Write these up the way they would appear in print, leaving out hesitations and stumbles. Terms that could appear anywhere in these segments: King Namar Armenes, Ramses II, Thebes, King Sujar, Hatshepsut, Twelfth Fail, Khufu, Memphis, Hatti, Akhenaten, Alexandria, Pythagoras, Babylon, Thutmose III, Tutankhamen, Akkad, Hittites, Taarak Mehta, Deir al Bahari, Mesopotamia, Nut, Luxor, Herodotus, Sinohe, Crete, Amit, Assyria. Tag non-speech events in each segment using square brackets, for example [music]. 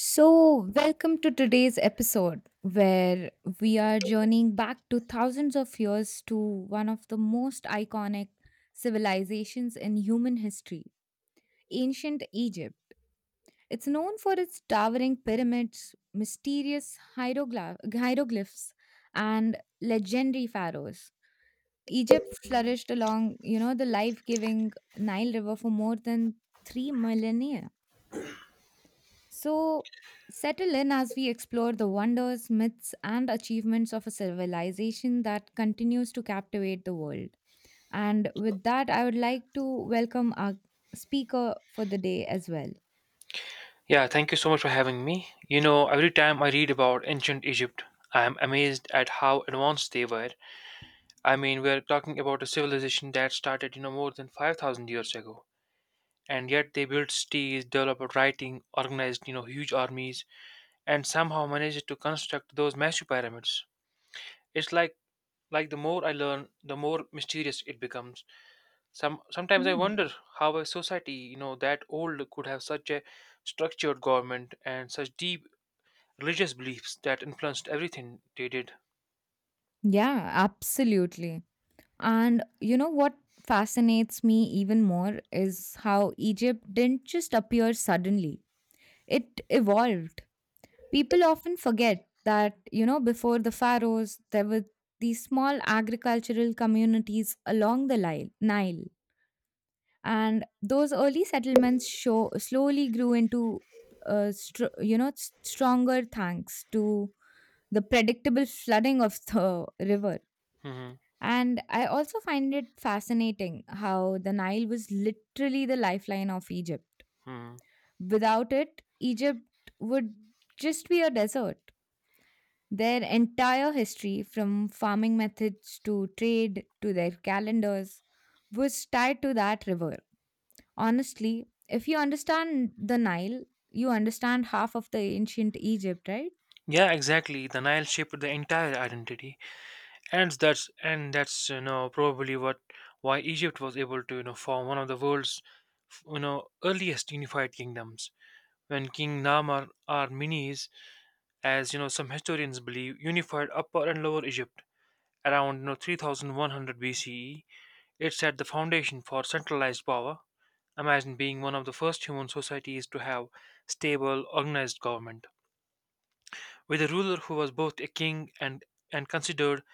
So, welcome to today's episode where we are journeying back to thousands of years to one of the most iconic civilizations in human history, ancient Egypt. It's known for its towering pyramids, mysterious hieroglyphs, and legendary pharaohs. Egypt flourished along, the life-giving Nile River for more than 3 millennia. So, settle in as we explore the wonders, myths, and achievements of a civilization that continues to captivate the world. And with that, I would like to welcome our speaker for the day as well. Yeah, thank you so much for having me. Every time I read about ancient Egypt, I am amazed at how advanced they were. I mean, we're talking about a civilization that started, more than 5,000 years ago. And yet they built cities, developed writing, organized, huge armies, and somehow managed to construct those massive pyramids. It's like the more I learn, the more mysterious it becomes. Sometimes I Hmm. wonder how a society, that old could have such a structured government and such deep religious beliefs that influenced everything they did. Yeah, absolutely. And you know what fascinates me even more is how Egypt didn't just appear suddenly, it evolved. People often forget that, before the pharaohs, there were these small agricultural communities along the Nile. And those early settlements show, slowly grew into, stronger thanks to the predictable flooding of the river. Hmm. And I also find it fascinating how the Nile was literally the lifeline of Egypt. Hmm. Without it, Egypt would just be a desert. Their entire history, from farming methods to trade to their calendars, was tied to that river. Honestly, if you understand the Nile, you understand half of the ancient Egypt, right? Yeah, exactly. The Nile shaped the entire identity, and that's probably what why Egypt was able to form one of the world's earliest unified kingdoms. When King Namar Armenes, as you know some historians believe, unified Upper and Lower Egypt around 3100 BCE, it set the foundation for centralized power. Imagine being one of the first human societies to have stable, organized government, with a ruler who was both a king and considered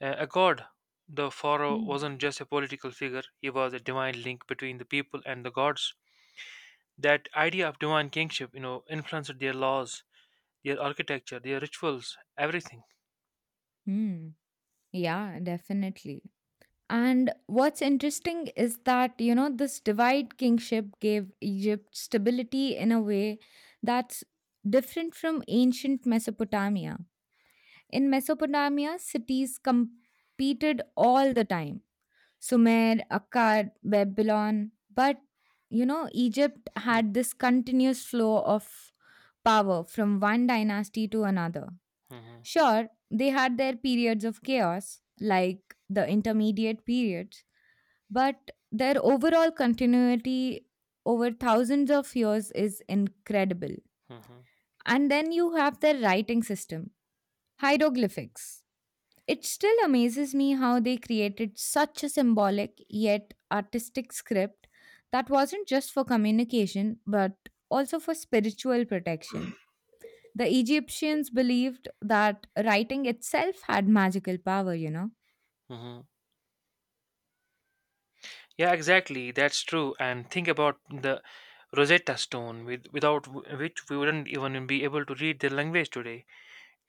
a god. The pharaoh Mm. wasn't just a political figure, he was a divine link between the people and the gods. That idea of divine kingship, influenced their laws, their architecture, their rituals, everything. Hmm. Yeah, definitely. And what's interesting is that this divide kingship gave Egypt stability in a way that's different from ancient Mesopotamia. In Mesopotamia, cities competed all the time: Sumer, Akkad, Babylon. But, Egypt had this continuous flow of power from one dynasty to another. Mhm. Sure, they had their periods of chaos, like the intermediate periods, but their overall continuity over thousands of years is incredible. Mhm. And then you have their writing system, hieroglyphics. It still amazes me how they created such a symbolic yet artistic script that wasn't just for communication but also for spiritual protection. The Egyptians believed that writing itself had magical power, you know? Mhm. Yeah, exactly. That's true. And think about the Rosetta Stone, with, without w- which we wouldn't even be able to read their language today.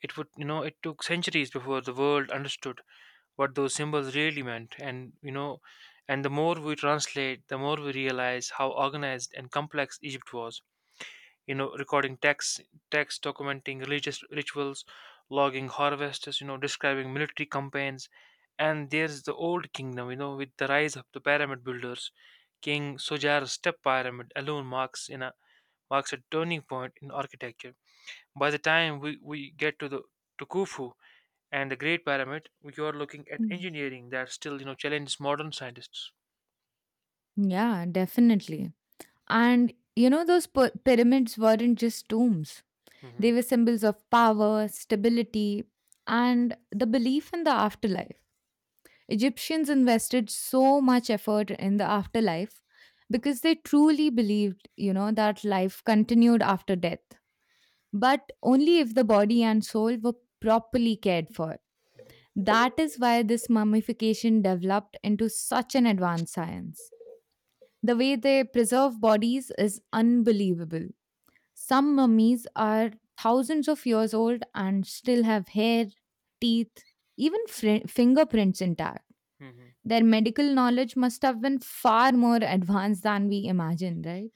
It would, you know, it took centuries before the world understood what those symbols really meant. And the more we translate, the more we realize how organized and complex Egypt was. Recording texts, documenting religious rituals, logging harvests, describing military campaigns. And there's the old kingdom, with the rise of the pyramid builders. King Sujar's step pyramid alone marks a turning point in architecture. By the time we get to the to Khufu, and the Great Pyramid, you are looking at Mm. engineering that still challenges modern scientists. Yeah, definitely. And those pyramids weren't just tombs, Hmm. they were symbols of power, stability, and the belief in the afterlife. Egyptians invested so much effort in the afterlife because they truly believed that life continued after death, but only if the body and soul were properly cared for. That is why this mummification developed into such an advanced science. The way they preserve bodies is unbelievable. Some mummies are thousands of years old and still have hair, teeth, even fingerprints intact. Hmm. Their medical knowledge must have been far more advanced than we imagine, right?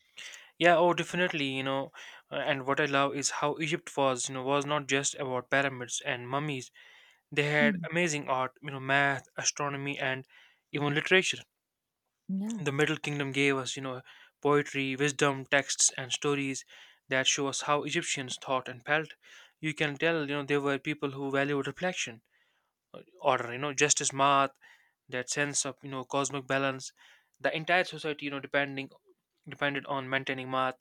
Yeah, oh, definitely. And what I love is how Egypt was not just about pyramids and mummies. They had Hmm. amazing art, math, astronomy, and even literature. Yeah. The Middle Kingdom gave us, poetry, wisdom, texts, and stories that show us how Egyptians thought and felt. You can tell, they were people who valued reflection, order, justice, math, that sense of cosmic balance. The entire society depending depended on maintaining math.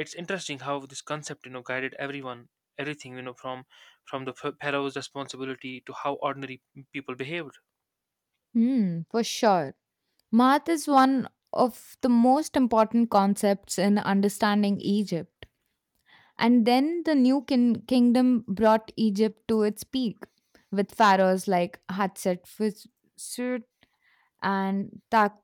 It's interesting how this concept guided everyone everything, from the pharaoh's responsibility to how ordinary people behaved. Hmm, for sure. Math is one of the most important concepts in understanding Egypt. And then the New Kingdom brought Egypt to its peak with pharaohs like Hatshepsut and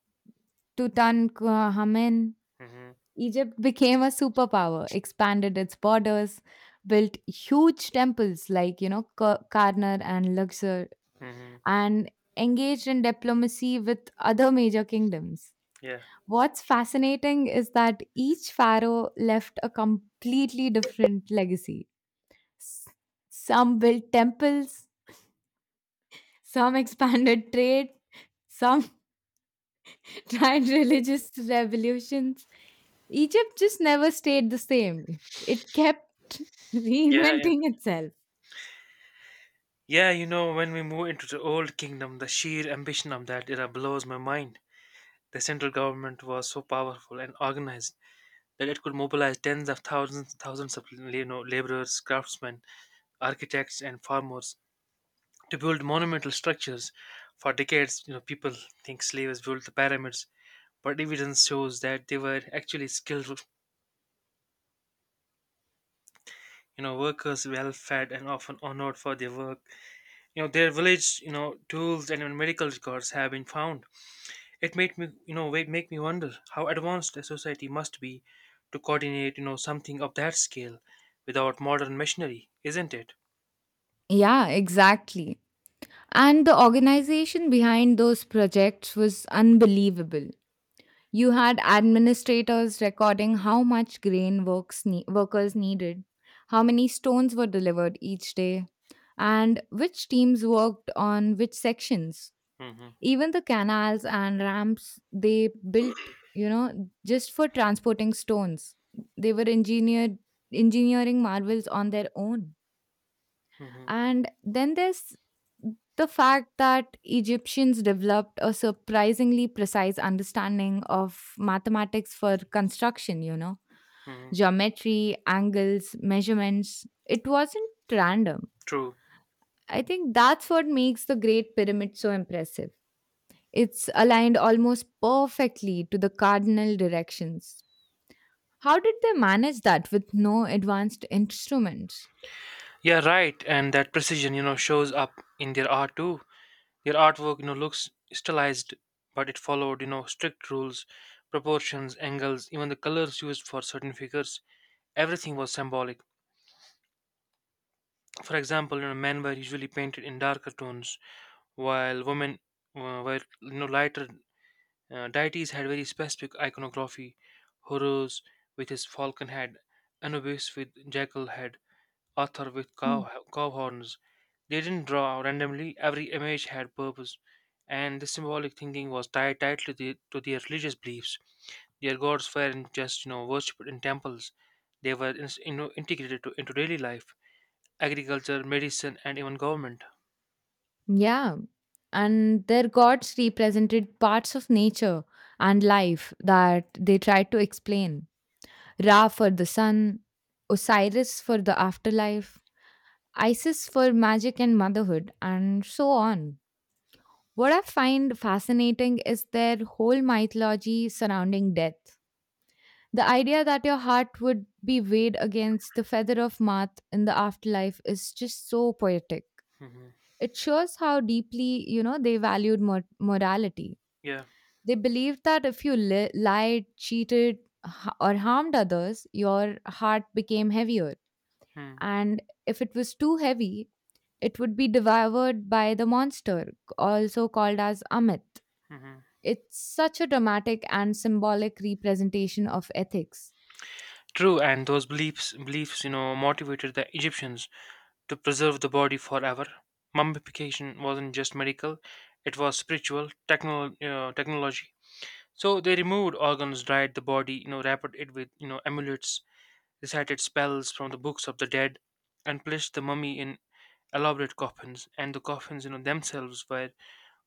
Tutankhamen. Hmm. Egypt became a superpower, expanded its borders, built huge temples like Karnar and Luxor, Hmm. and engaged in diplomacy with other major kingdoms. Yeah, What's fascinating is that each pharaoh left a completely different legacy. S- Some built temples, some [laughs] expanded trade, some [laughs] tried religious revolutions. Egypt just never stayed the same. It kept [laughs] yeah, yeah, reinventing itself. yeah. When we move into the old kingdom, the sheer ambition of that era blows my mind. The central government was so powerful and organized that it could mobilize thousands of laborers, craftsmen, architects, and farmers to build monumental structures. For decades, people think slaves built the pyramids, but evidence shows that they were actually skilled, workers, well-fed, and often honored for their work. Their village, tools and even medical records have been found. It made me, you know, wa- make me wonder how advanced a society must be to coordinate, something of that scale without modern machinery, isn't it? Yeah, exactly. And the organization behind those projects was unbelievable. You had administrators recording how much grain workers needed, how many stones were delivered each day, and which teams worked on which sections. Hmm. Even the canals and ramps they built, just for transporting stones. They were engineered engineering marvels on their own. Hmm. And then there's the fact that Egyptians developed a surprisingly precise understanding of mathematics for construction, Hmm. geometry, angles, measurements. It wasn't random. True. I think that's what makes the Great Pyramid so impressive. It's aligned almost perfectly to the cardinal directions. How did they manage that with no advanced instruments? Yeah, right. And that precision, shows up in their art too. Their artwork, looks stylized, but it followed, strict rules, proportions, angles, even the colors used for certain figures. Everything was symbolic. For example, men were usually painted in darker tones, while women were, lighter. Deities had very specific iconography. Horus with his falcon head, Anubis with jackal head, author with Mm. cow horns. They didn't draw randomly, every image had purpose, and the symbolic thinking was tied tightly to their religious beliefs. Their gods weren't just worshipped in temples; they were integrated into daily life, agriculture, medicine, and even government. Yeah. And their gods represented parts of nature and life that they tried to explain. Ra for the sun, Osiris for the afterlife, Isis for magic and motherhood, and so on. What I find fascinating is their whole mythology surrounding death. The idea that your heart would be weighed against the feather of Maat in the afterlife is just so poetic. Mm-hmm. It shows how deeply they valued morality. Yeah. They believed that if you lied, cheated, or harmed others, your heart became heavier. Hmm. And if it was too heavy, it would be devoured by the monster, also called as Amit. Mm-hmm. It's such a dramatic and symbolic representation of ethics. True, and those beliefs motivated the Egyptians to preserve the body forever. Mummification wasn't just medical, it was spiritual technology. So they removed organs, dried the body, wrapped it with amulets, recited spells from the books of the dead, and placed the mummy in elaborate coffins. And the coffins, themselves were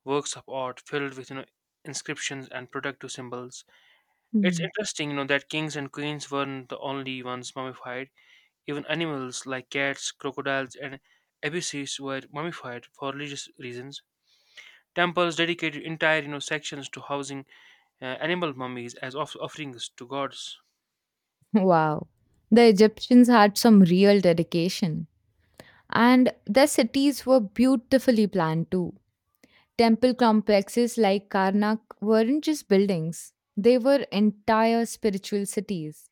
works of art filled with inscriptions and protective symbols. It's Hmm. [laughs] interesting, that kings and queens weren't the only ones mummified. Even animals like cats, crocodiles, and abysses were mummified for religious reasons. Temples dedicated entire sections to housing animal mummies as offerings to gods. Wow. The Egyptians had some real dedication. And their cities were beautifully planned too. Temple complexes like Karnak weren't just buildings, they were entire spiritual cities.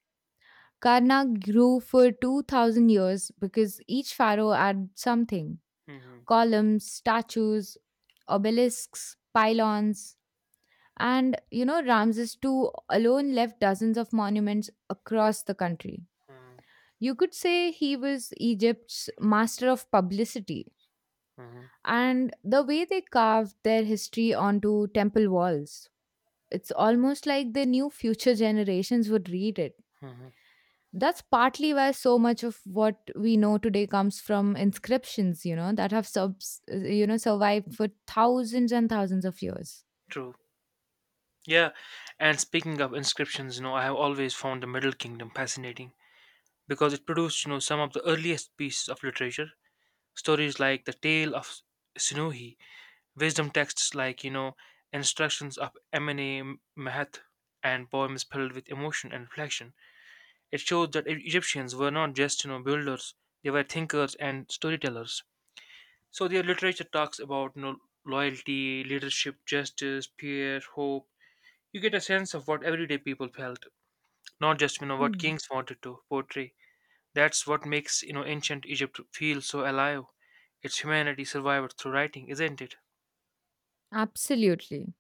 Karnak grew for 2000 years because each pharaoh had something: Hmm. columns, statues, obelisks, pylons, and Ramses II alone left dozens of monuments across the country. You could say he was Egypt's master of publicity, Hmm. and the way they carved their history onto temple walls, it's almost like they knew future generations would read it. Hmm. That's partly why so much of what we know today comes from inscriptions, that have survived for thousands and thousands of years. True. Yeah, and speaking of inscriptions, I have always found the Middle Kingdom fascinating because it produced, some of the earliest pieces of literature. Stories like the Tale of Sinuhe. Wisdom texts like, instructions of M&A Mahath, and poems filled with emotion and reflection. It shows that Egyptians were not just, builders, they were thinkers and storytellers. So their literature talks about, loyalty, leadership, justice, fear, hope. You get a sense of what everyday people felt, not just, what Hmm. kings wanted to portray. That's what makes, ancient Egypt feel so alive. Its humanity survived through writing, isn't it? Absolutely.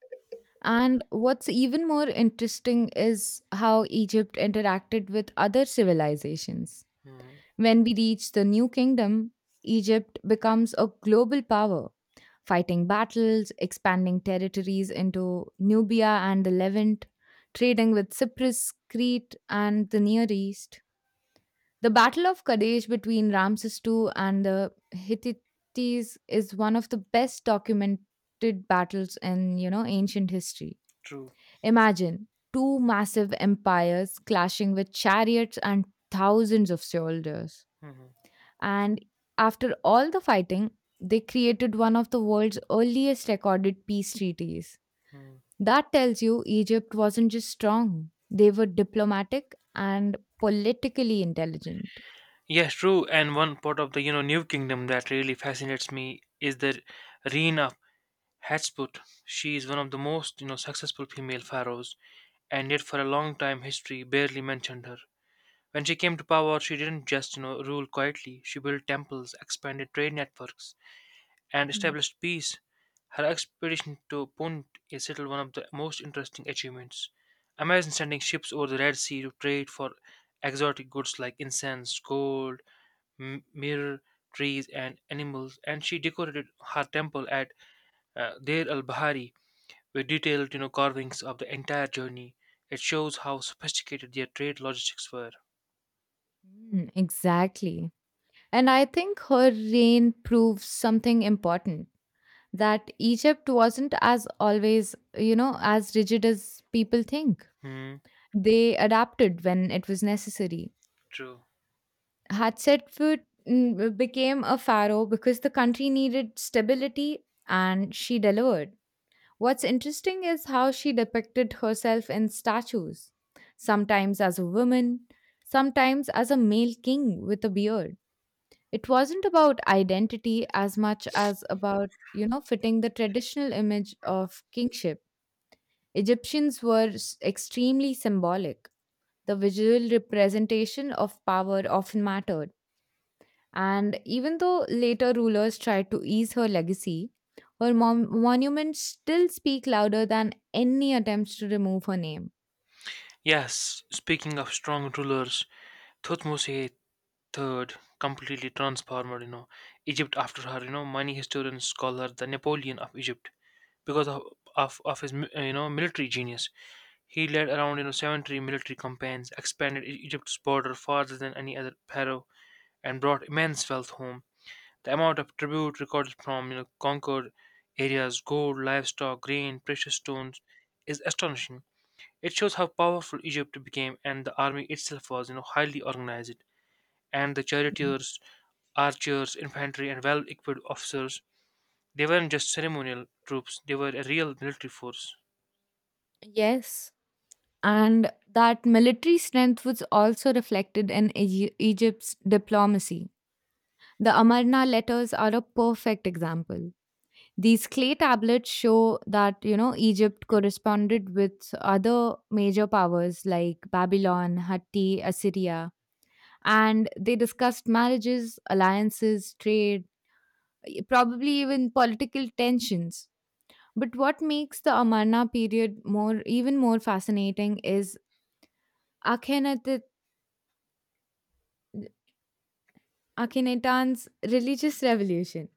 And what's even more interesting is how Egypt interacted with other civilizations. Mm, When we reach the New Kingdom, Egypt becomes a global power, fighting battles, expanding territories into Nubia and the Levant, trading with Cyprus, Crete, and the Near East. The Battle of Kadesh between Ramses II and the Hittites is one of the best documented battles in ancient history. true. Imagine two massive empires clashing with chariots and thousands of soldiers. And after all the fighting, they created one of the world's earliest recorded peace treaties. Hmm. That tells you Egypt wasn't just strong, they were diplomatic and politically intelligent. Yes, true. And one part of the New Kingdom that really fascinates me is the reign of Hatshepsut. She is one of the most successful female pharaohs, and yet for a long time history barely mentioned her. When she came to power, she didn't just rule quietly. She built temples, expanded trade networks, and Mm. established peace. Her expedition to Punt is still one of the most interesting achievements. Imagine sending ships over the Red Sea to trade for exotic goods like incense, gold, mirror, trees, and animals, and she decorated her temple at Deir al Bahari with detailed carvings of the entire journey. It shows how sophisticated their trade logistics were. Mm, exactly. And I think her reign proves something important. That Egypt wasn't as always, as rigid as people think. Hmm, They adapted when it was necessary. true. Hatshepsut became a pharaoh because the country needed stability and she delivered. What's interesting is how she depicted herself in statues, sometimes as a woman, sometimes as a male king with a beard. It wasn't about identity as much as about fitting the traditional image of kingship. Egyptians were extremely symbolic. The visual representation of power often mattered. And even though later rulers tried to ease her legacy, her monuments still speak louder than any attempts to remove her name. Yes, speaking of strong rulers, Thutmose III completely transformed, Egypt after her. Many historians call her the Napoleon of Egypt because of his military genius. He led around 70 military campaigns, expanded Egypt's border farther than any other pharaoh, and brought immense wealth home. The amount of tribute recorded from conquered areas, gold, livestock, grain, precious stones, is astonishing. It shows how powerful Egypt became, and the army itself was highly organized. And the Mm. charioteers, archers, infantry, and well equipped officers, they weren't just ceremonial troops, they were a real military force. Yes. And that military strength was also reflected in Egypt's diplomacy. The Amarna letters are a perfect example. These clay tablets show that Egypt Mhm. corresponded with other major powers like Babylon, Hatti, Assyria, and they discussed marriages, alliances, trade, probably even political tensions. But what makes the Amarna period more even more fascinating is Akhenaten, Akhenaten's religious revolution.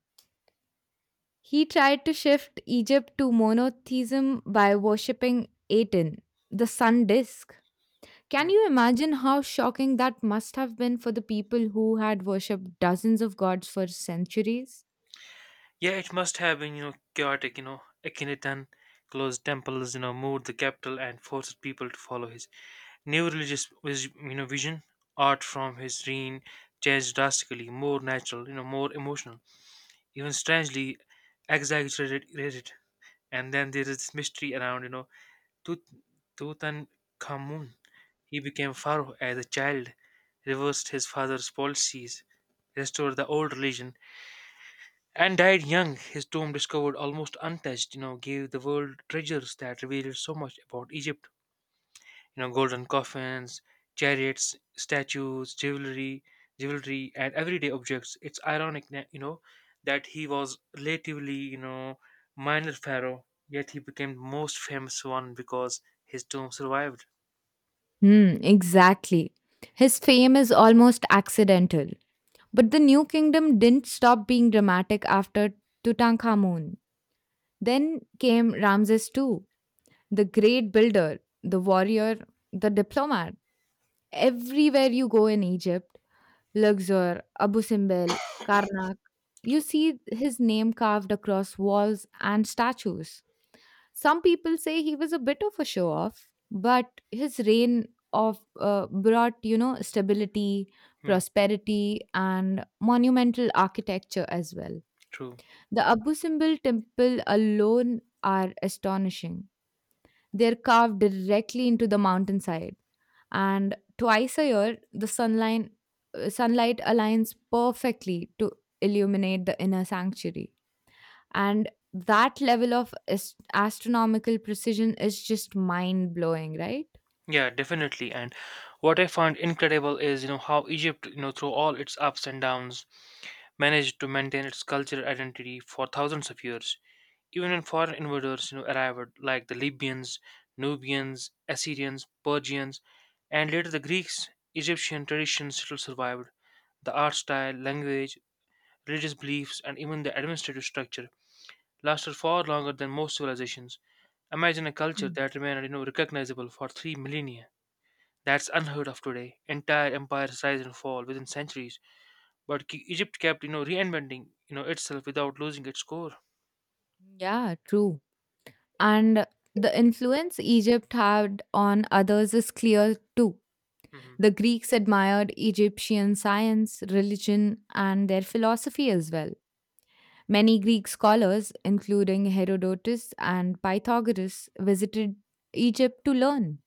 He tried to shift Egypt to monotheism by worshipping Aten, the sun disk. Can you imagine how shocking that must have been for the people who had worshipped dozens of gods for centuries? Yeah, it must have been, chaotic. Akhenaten closed temples, moved the capital and forced people to follow his new religious, vision. Art from his reign changed drastically, more natural, more emotional, even strangely exaggerated. Rated. And then there is this mystery around, Tut- Tutankhamun. He became pharaoh as a child, reversed his father's policies, restored the old religion, and died young. His tomb, discovered almost untouched, gave the world treasures that revealed so much about Egypt. Golden coffins, chariots, statues, jewelry, and everyday objects. It's ironic, that he was relatively, minor pharaoh, yet he became the most famous one because his tomb survived. Hmm, exactly. His fame is almost accidental. But the New Kingdom didn't stop being dramatic after Tutankhamun. Then came Ramses II, the great builder, the warrior, the diplomat. Everywhere you go in Egypt, Luxor, Abu Simbel, Karnak, you So, see his name carved across walls and statues. Some people say he was a bit of a show off, but his reign of brought stability, hmm, prosperity, and monumental architecture as well. true. The Abu Simbel temple alone are astonishing. They're carved directly into the mountainside, and twice a year the sunlight aligns perfectly to illuminate the inner sanctuary. And that level of astronomical precision is just mind blowing, right? Yeah, definitely. And what I find incredible is, how Egypt, through all its ups and downs, managed to maintain its cultural identity for thousands of years. Even when foreign invaders arrived, like the Libyans, Nubians, Assyrians, Persians, and later the Greeks, Egyptian traditions still survived. The art style, language, religious beliefs, and even the administrative structure lasted far longer than most civilizations. Imagine a culture Mm. that remained recognizable for 3 millennia. That's unheard of today. Entire empires rise and fall within centuries. But Egypt kept, reinventing, itself without losing its core. Yeah, true. And the influence Egypt had on others is clear too. Hmm. The Greeks admired Egyptian science, religion, and their philosophy as well. Many Greek scholars, including Herodotus and Pythagoras, visited Egypt to learn.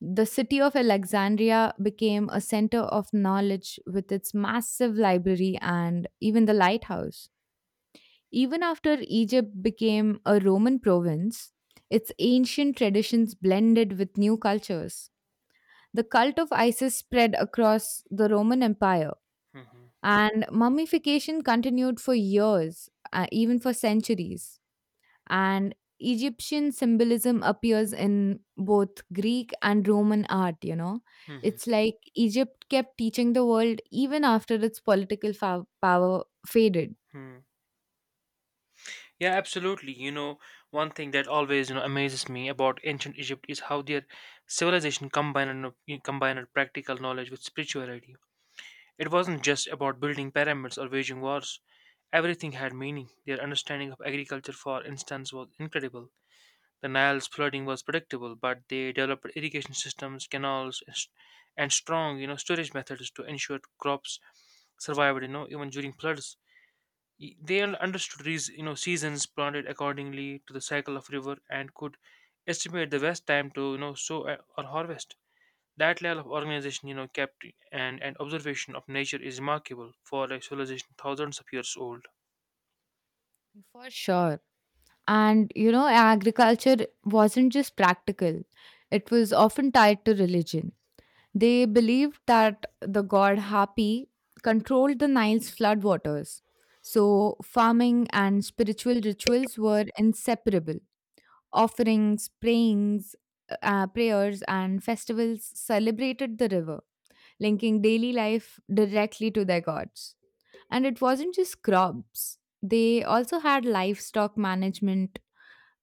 The city of Alexandria became a center of knowledge with its massive library and even the lighthouse. Even after Egypt became a Roman province, its ancient traditions blended with new cultures. The cult of Isis spread across the Roman Empire, Hmm. and mummification continued for years, even for centuries. And Egyptian symbolism appears in both Greek and Roman art. Hmm. It's like Egypt kept teaching the world even after its political power faded. Hmm. Yeah, absolutely. One thing that always, amazes me about ancient Egypt is how their civilization combined practical knowledge with spirituality. It wasn't just about building pyramids or waging wars. Everything had meaning. Their understanding of agriculture, for instance, was incredible. The Nile's flooding was predictable, but they developed irrigation systems, canals, and strong, storage methods to ensure crops survived, even during floods. Y- Mm, They understood these, seasons, planted accordingly to the cycle of river, and could estimate the best time to, sow or harvest. That level of organization, and observation of nature is remarkable for a civilization thousands of years old. for sure. And agriculture wasn't just practical, it was often tied to religion. They believed that the god Hapi controlled the Nile's floodwaters. So, farming and spiritual rituals were inseparable. Offerings, prayers, and festivals celebrated the river, linking daily life directly to their gods. And it wasn't just crops, they also had livestock management,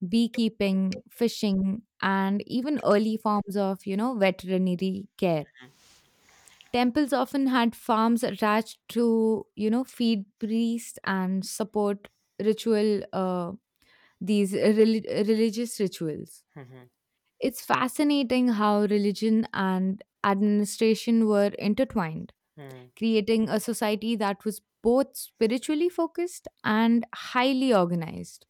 beekeeping, fishing, and even early forms of veterinary care. Temples often had farms attached to feed priests and support ritual, uh, these religious rituals. Hmm. It's fascinating how religion and administration were intertwined, Hmm. creating a society that was both spiritually focused and highly organized.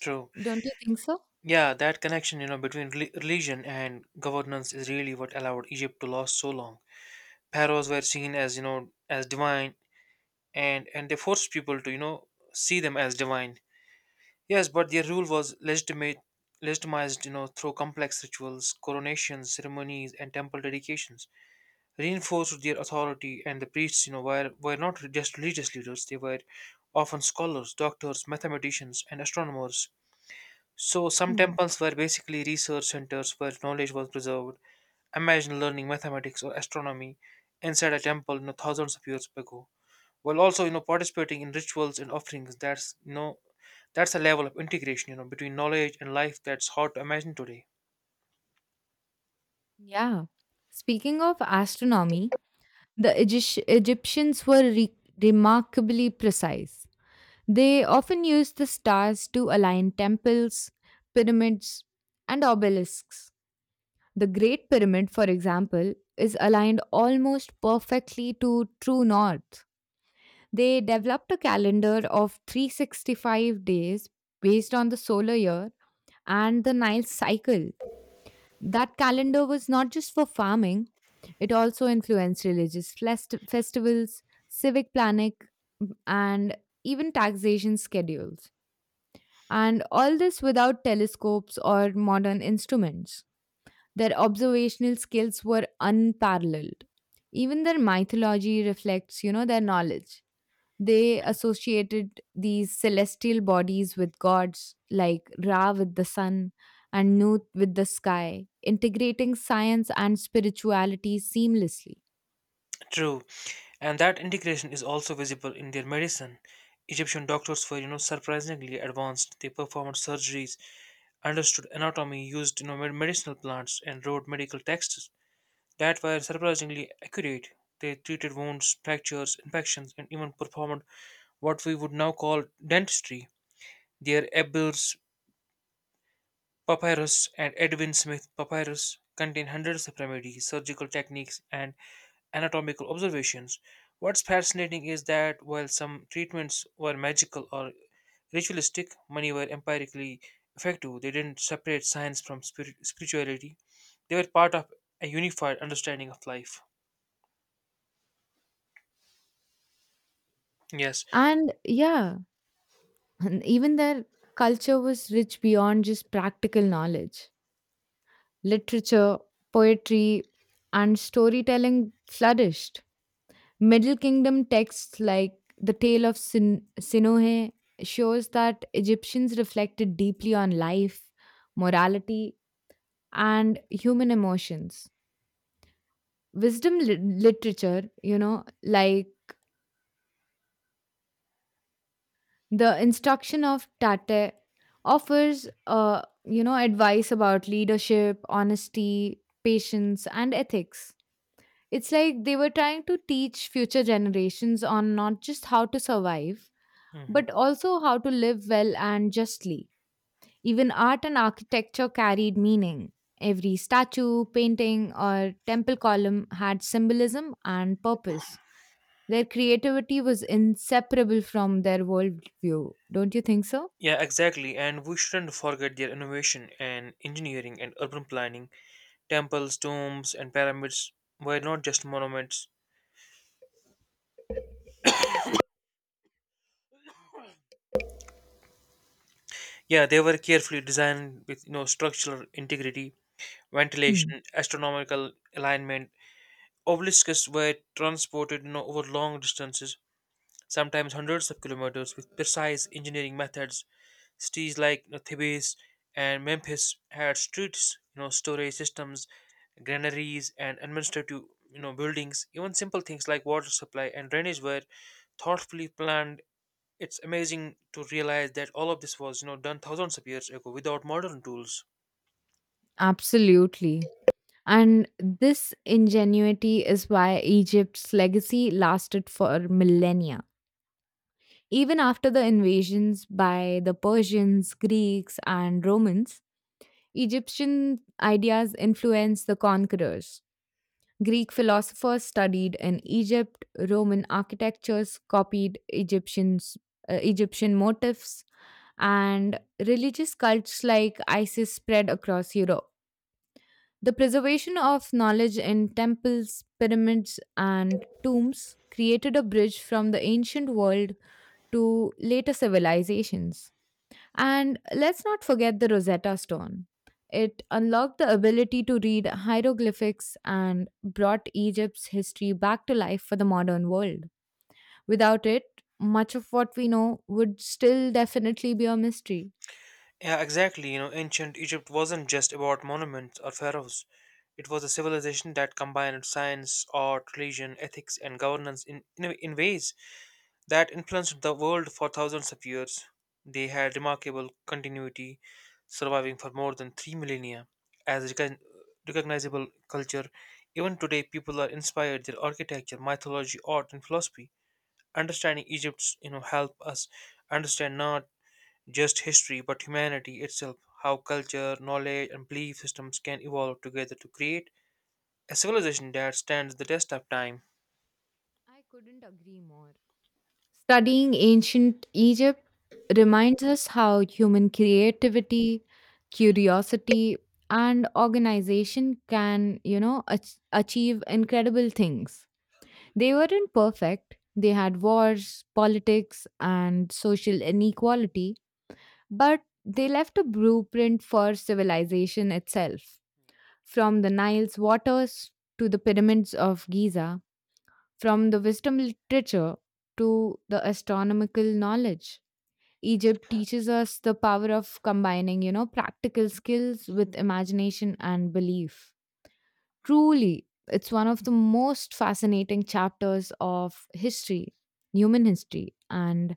True. Don't you think so? Yeah, that connection, between religion and governance is really what allowed Egypt to last so long. Pharaohs were seen as, as divine, and they forced people to, see them as divine. Yes, but their rule was legitimized, through complex rituals, coronations, ceremonies, and temple dedications, reinforced their authority. And the priests, were not just religious leaders; they were often scholars, doctors, mathematicians, and astronomers, so some Hmm. temples were basically research centers where knowledge was preserved. Imagine learning mathematics or astronomy inside a temple, thousands of years ago. While also, participating in rituals and offerings. That's a level of integration, between knowledge and life that's hard to imagine today. Yeah. Speaking of astronomy, the Egyptians were remarkably precise. They often used the stars to align temples, pyramids, and obelisks. The Great Pyramid, for example, is aligned almost perfectly to true north. They developed a calendar of 365 days based on the solar year and the Nile cycle. That calendar was not just for farming, it also influenced religious festivals, civic planning, and even taxation schedules. And all this without telescopes or modern instruments. Their observational skills were unparalleled. Even their mythology reflects, their knowledge. They associated these celestial bodies with gods like Ra with the sun and Nut with the sky, integrating science and spirituality seamlessly. True, and that integration is also visible in their medicine. Egyptian doctors were, surprisingly advanced. They performed surgeries, understood anatomy, used, medicinal plants, and wrote medical texts that were surprisingly accurate. They treated wounds, fractures, infections, and even performed what we would now call dentistry. Their Ebel's papyrus and Edwin Smith papyrus contain hundreds of remedies, surgical techniques, and anatomical observations. What's fascinating is that while some treatments were magical or ritualistic, many were empirically effective. They didn't separate science from spirituality, they were part of a unified understanding of life. Yes. And yeah, and even their culture was rich beyond just practical knowledge. Literature, poetry, and storytelling flourished. Middle Kingdom texts like the Tale of Sinohe shows that Egyptians reflected deeply on life, morality, and human emotions. Wisdom literature, like the instruction of Tate offers advice about leadership, honesty, patience, and ethics. It's like they were trying to teach future generations on not just how to survive, Mhm. but also how to live well and justly. Even art and architecture carried meaning. Every statue, painting, or temple column had symbolism and purpose. Their creativity was inseparable from their worldview. Don't you think so? Yeah, exactly. And we shouldn't forget their innovation and engineering and urban planning. Temples, tombs, and pyramids were not just monuments. Yeah, they were carefully designed with structural integrity, Hmm. ventilation, astronomical alignment. Obelisks were transported over long distances, sometimes hundreds of kilometers, with precise engineering methods. Cities like Thebes and Memphis had streets, storage systems, granaries, and administrative buildings. Even simple things like water supply and drainage were thoughtfully planned. It's amazing to realize that all of this was done thousands of years ago without modern tools. Absolutely. And this ingenuity is why Egypt's legacy lasted for millennia. Even after the invasions by the Persians, Greeks, and Romans, Egyptian ideas influenced the conquerors. Greek philosophers studied in Egypt, Roman architectures copied Egyptian motifs, and religious cults like Isis spread across Europe. The preservation of knowledge in temples, pyramids, and tombs created a bridge from the ancient world to later civilizations. And let's not forget the Rosetta Stone. It unlocked the ability to read hieroglyphics and brought Egypt's history back to life for the modern world. Without it, much of what we know would still definitely be a mystery. Yeah, exactly. Ancient Egypt wasn't just about monuments or pharaohs. It was a civilization that combined science, art, religion, ethics, and governance in ways that influenced the world for thousands of years. They had remarkable continuity, surviving for more than 3 millennia as recognizable culture. Even today, people are inspired their architecture, mythology, art, and philosophy. Understanding Egypt's, help us understand not just history but humanity itself. How culture, knowledge, and belief systems can evolve together to create a civilization that stands the test of time. I couldn't agree more. Studying ancient Egypt reminds us how human creativity, curiosity, and organization can achieve incredible things. They weren't perfect. They had wars, politics, and social inequality, but they left a blueprint for civilization itself. From the Nile's waters to the pyramids of Giza, from the wisdom literature to the astronomical knowledge. Egypt teaches us the power of combining, practical skills with imagination and belief. Truly, it's one of the most fascinating chapters of history, human history. And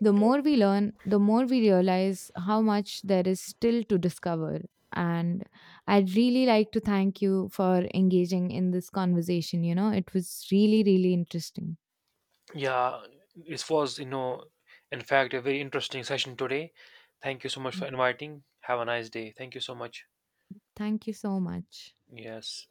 the more we learn, the more we realize how much there is still to discover. And I'd really like to thank you for engaging in this conversation. It was really, really interesting. Yeah, this was, in fact, a very interesting session today. Thank you so much for inviting. Have a nice day. Thank you so much. Thank you so much. Yes.